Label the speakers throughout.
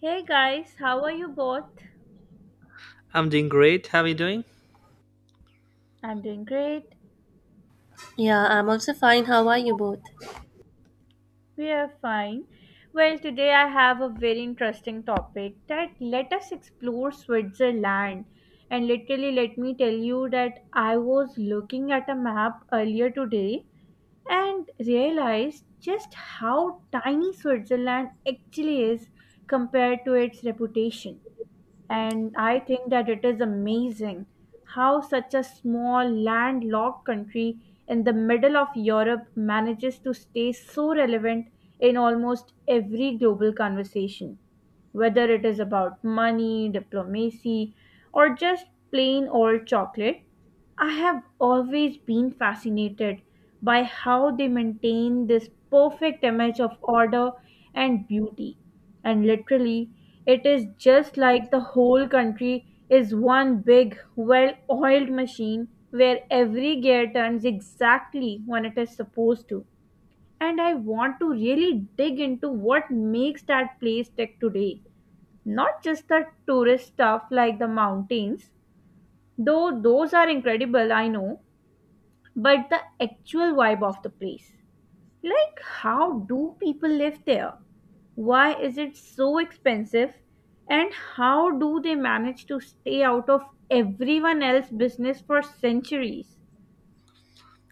Speaker 1: Hey guys, how are you both?
Speaker 2: I'm doing great. How are you doing?
Speaker 1: I'm doing great.
Speaker 3: Yeah, I'm also fine. How are you both?
Speaker 1: We are fine. Well, today I have a very interesting topic that let us explore Switzerland. And literally, let me tell you that I was looking at a map earlier today and realized just how tiny Switzerland actually is compared to its reputation. And I think that it is amazing how such a small landlocked country in the middle of Europe manages to stay so relevant in almost every global conversation whether it is about money, diplomacy, or just plain old chocolate. I have always been fascinated by how they maintain this perfect image of order and beauty. And literally, it is just like the whole country is one big, well oiled machine where every gear turns exactly when it is supposed to. And I want to really dig into what makes that place tick today, not just the tourist stuff like the mountains, though those are incredible, I know, but the actual vibe of the place. Like, how do people live there? Why is it so expensive? And how do they manage to stay out of everyone else's business for centuries?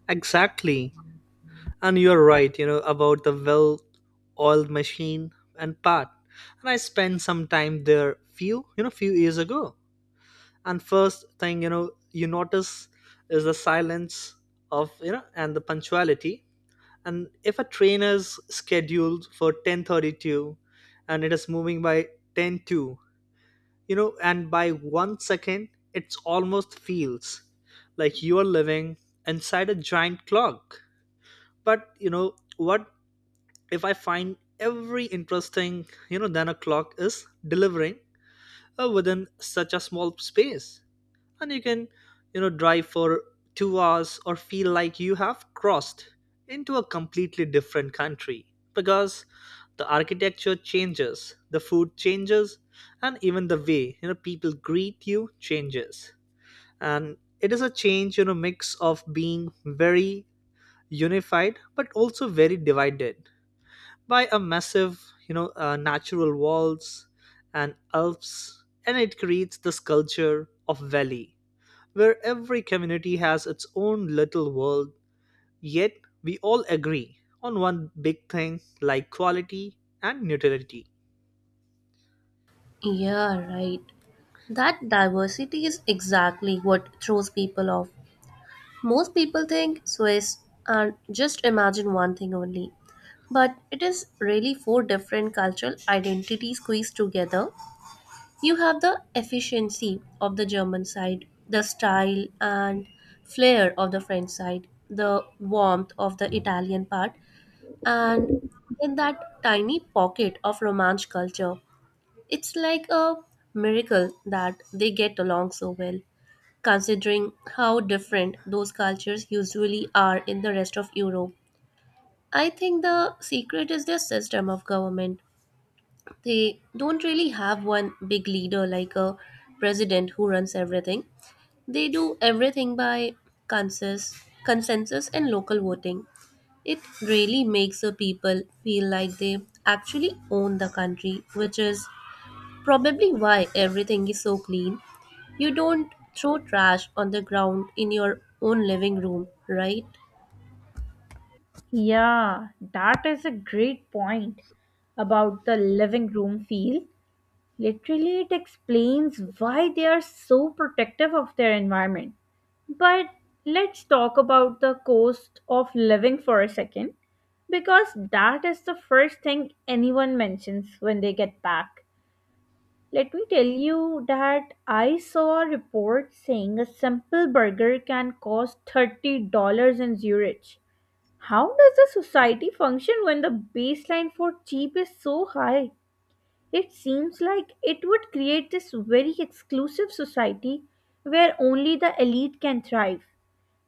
Speaker 2: Exactly. And you're right, about the well oiled machine and part. And I spent some time there few years ago. And first thing, you notice is the silence and the punctuality. And if a train is scheduled for 10:32 and it is moving by 10:2, and by 1 second, it's almost feels like you are living inside a giant clock. But you know what? If I find every interesting, than a clock is delivering within such a small space. And you can drive for 2 hours or feel like you have crossed into a completely different country, because the architecture changes, the food changes, and even the way people greet you changes. And it is a change mix of being very unified but also very divided by a massive natural walls and Alps, and it creates this culture of valley where every community has its own little world, yet we all agree on one big thing like quality and neutrality.
Speaker 3: Yeah, right. That diversity is exactly what throws people off. Most people think Swiss and just imagine one thing only. But it is really four different cultural identities squeezed together. You have the efficiency of the German side, the style and flair of the French side, the warmth of the Italian part, and then that tiny pocket of Romance culture. It's like a miracle that they get along so well, considering how different those cultures usually are in the rest of Europe. I think the secret is their system of government. They don't really have one big leader like a president who runs everything. They do everything by consensus, consensus and local voting. It really makes the people feel like they actually own the country, which is probably why everything is so clean. You don't throw trash on the ground in your own living room, right?
Speaker 1: Yeah, that is a great point about the living room feel. Literally, it explains why they are so protective of their environment. But let's talk about the cost of living for a second, because that is the first thing anyone mentions when they get back. Let me tell you that I saw a report saying a simple burger can cost $30 in Zurich. How does the society function when the baseline for cheap is so high? It seems like it would create this very exclusive society where only the elite can thrive.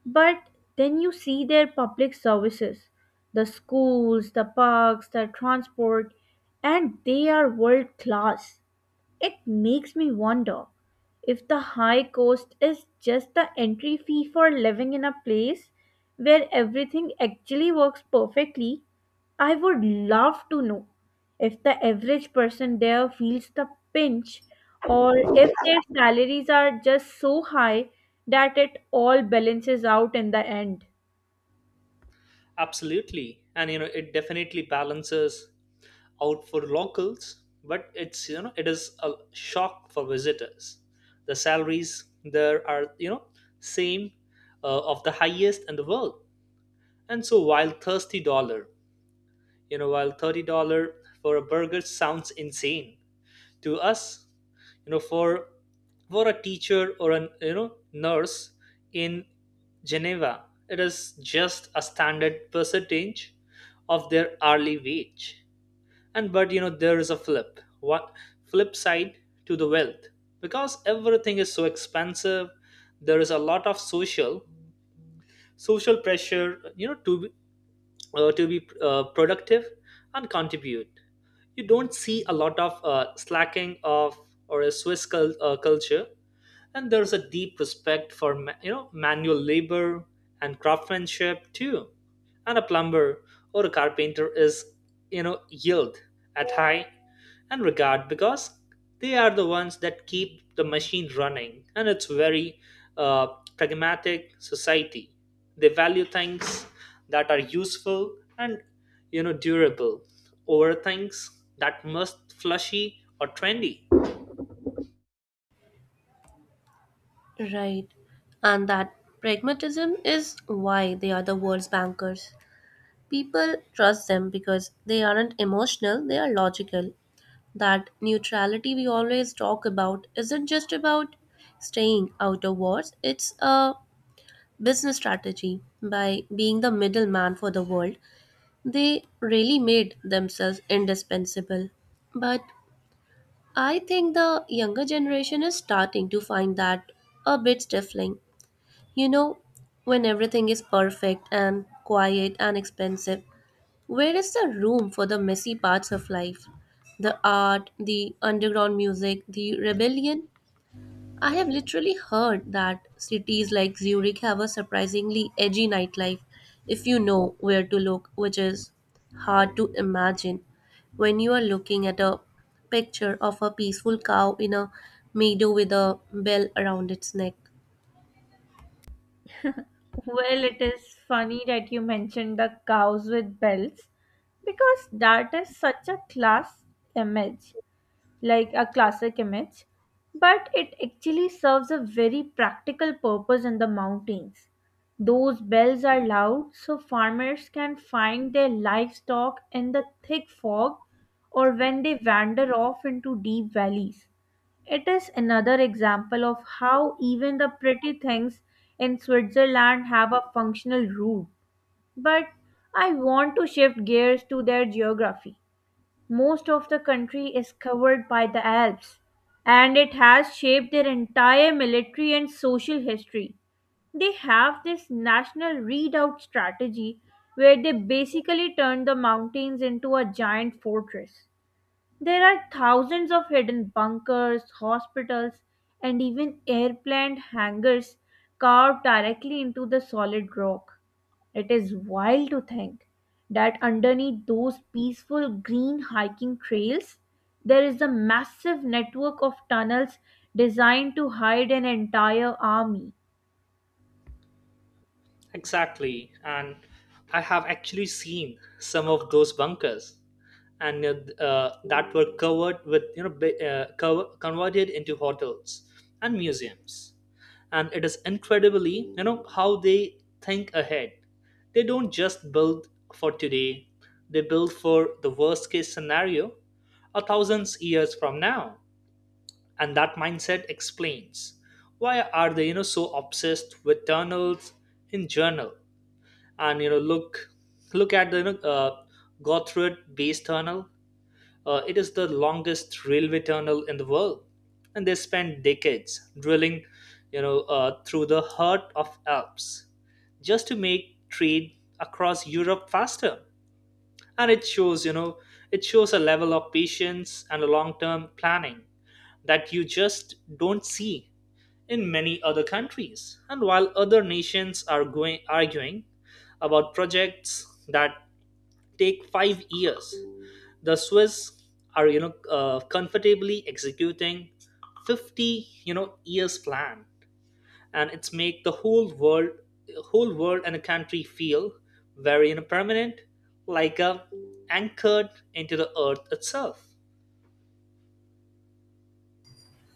Speaker 1: But then you see their public services, the schools, the parks, the transport, and they are world class. It makes me wonder if the high cost is just the entry fee for living in a place where everything actually works perfectly. I would love to know if the average person there feels the pinch or if their salaries are just so high that it all balances out in the end.
Speaker 2: Absolutely. And it definitely balances out for locals, but it is a shock for visitors. The salaries there are, same of the highest in the world. And so while $30 for a burger sounds insane, to us. You know for for a teacher or a nurse in Geneva, it is just a standard percentage of their hourly wage. And but you know there is a flip side to the wealth, because everything is so expensive. There is a lot of social pressure to be productive and contribute. You don't see a lot of slacking of or a culture. And there's a deep respect for manual labor and craftsmanship too. And a plumber or a carpenter is yield at high and regard, because they are the ones that keep the machine running. And it's very uh, pragmatic society. They value things that are useful and durable over things that must flashy or trendy.
Speaker 3: Right. And that pragmatism is why they are the world's bankers. People trust them because they aren't emotional, they are logical. That neutrality we always talk about isn't just about staying out of wars, it's a business strategy by being the middleman for the world. They really made themselves indispensable. But I think the younger generation is starting to find that a bit stifling. You know, when everything is perfect and quiet and expensive, where is the room for the messy parts of life? The art, the underground music, the rebellion? I have literally heard that cities like Zurich have a surprisingly edgy nightlife if you know where to look, which is hard to imagine when you are looking at a picture of a peaceful cow in a meadow with a bell around its neck.
Speaker 1: Well, it is funny that you mentioned the cows with bells because that is such a image. classic image, but it actually serves a very practical purpose in the mountains. Those bells are loud so farmers can find their livestock in the thick fog or when they wander off into deep valleys. It is another example of how even the pretty things in Switzerland have a functional root. But I want to shift gears to their geography. Most of the country is covered by the Alps, and it has shaped their entire military and social history. They have this national redoubt strategy where they basically turn the mountains into a giant fortress. There are thousands of hidden bunkers, hospitals, and even airplane hangars carved directly into the solid rock. It is wild to think that underneath those peaceful green hiking trails, there is a massive network of tunnels designed to hide an entire army.
Speaker 2: Exactly. And I have actually seen some of those bunkers and that were covered with, converted into hotels and museums. And it is incredibly, how they think ahead. They don't just build for today, they build for the worst case scenario a thousands years from now. And that mindset explains why are they, so obsessed with tunnels in journal. And look at the Gothard Base Tunnel. It is the longest railway tunnel in the world, and they spent decades drilling, through the heart of Alps just to make trade across Europe faster. And it shows a level of patience and a long-term planning that you just don't see in many other countries. And while other nations are arguing about projects that take 5 years, the Swiss are comfortably executing 50 years plan. And it's make the whole world and a country feel very permanent, like a anchored into the earth itself.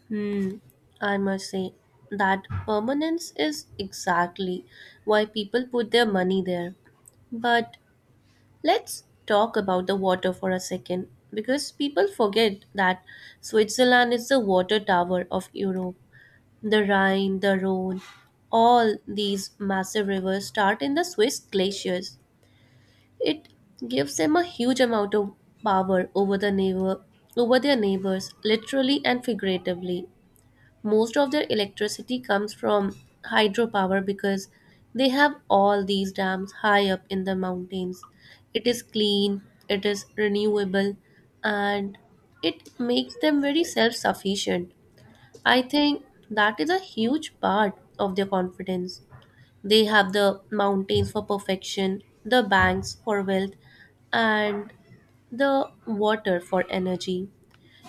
Speaker 3: Hmm, I must say that permanence is exactly why people put their money there. But let's talk about the water for a second because people forget that Switzerland is the water tower of Europe. The Rhine, the Rhone, all these massive rivers start in the Swiss glaciers. It gives them a huge amount of power over their neighbors, literally and figuratively. Most of their electricity comes from hydropower because they have all these dams high up in the mountains. It is clean, it is renewable, and it makes them very self sufficient. I think that is a huge part of their confidence. They have the mountains for perfection, the banks for wealth, and the water for energy.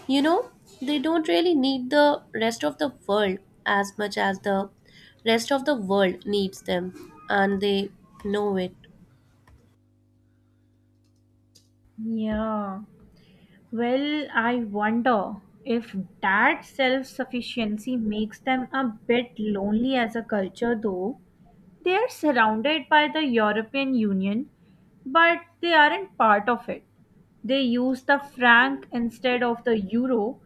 Speaker 3: You know, they don't really need the rest of the world as much as the rest of the world needs them, and they know it.
Speaker 1: Yeah. Well, I wonder if that self sufficiency makes them a bit lonely as a culture, though. They are surrounded by the European Union, but they aren't part of it. They use the franc instead of the euro.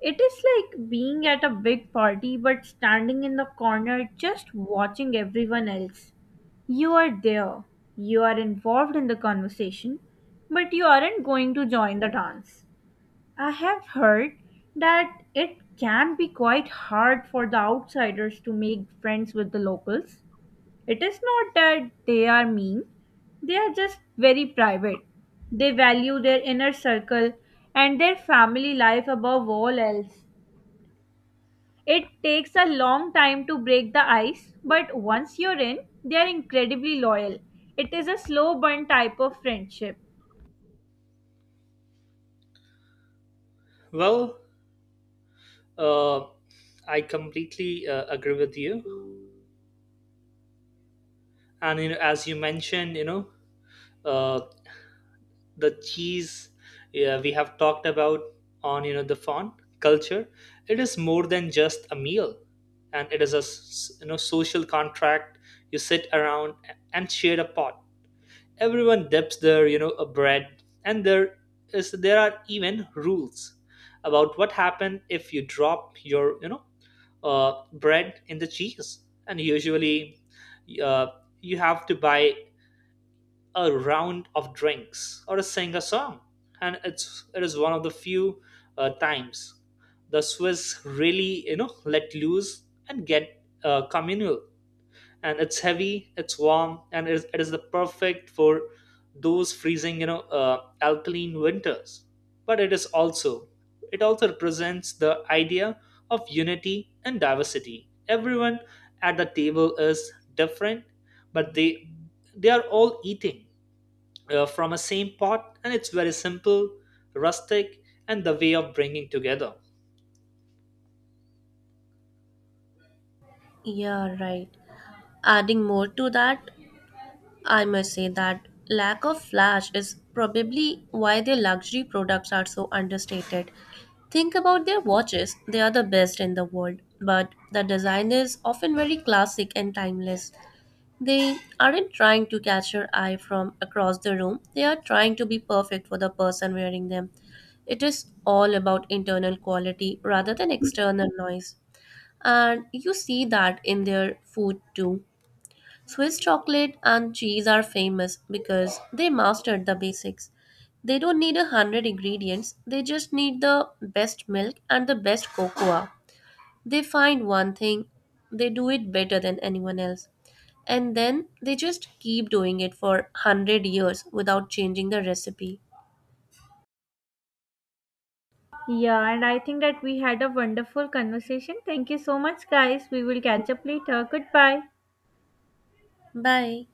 Speaker 1: It is like being at a big party but standing in the corner just watching everyone else. You are there, you are involved in the conversation, but you aren't going to join the dance. I have heard that it can be quite hard for the outsiders to make friends with the locals. It is not that they are mean, they are just very private. They value their inner circle and their family life above all else. It takes a long time to break the ice, but once you're in, they're incredibly loyal. It is a slow burn type of friendship.
Speaker 2: Well, uh, I completely agree with you. And as you mentioned uh, the cheese. Yeah, we have talked about on the font culture. It is more than just a meal, and it is a social contract. You sit around and share a pot. Everyone dips their a bread, and there are even rules about what happens if you drop your bread in the cheese. And usually uh, you have to buy a round of drinks or sing a song. And it is one of the few times the Swiss really let loose and get communal. And it's heavy, it's warm, and it is the perfect for those freezing alkaline winters. But it also represents the idea of unity and diversity. Everyone at the table is different, but they are all eating from a same pot. And it's very simple rustic, and the way of bringing together.
Speaker 3: Yeah, right. Adding more to that, I must say that lack of flash is probably why their luxury products are so understated. Think about their watches, they are the best in the world, but the design is often very classic and timeless. They aren't trying to catch your eye from across the room, they are trying to be perfect for the person wearing them. It is all about internal quality rather than external noise. And you see that in their food too. Swiss chocolate and cheese are famous because they mastered the basics. They don't need 100 ingredients, they just need the best milk and the best cocoa. They find one thing, they do it better than anyone else, and then they just keep doing it for 100 years without changing the recipe.
Speaker 1: Yeah, and I think that we had a wonderful conversation. Thank you so much, guys. We will catch up later. Goodbye.
Speaker 3: Bye.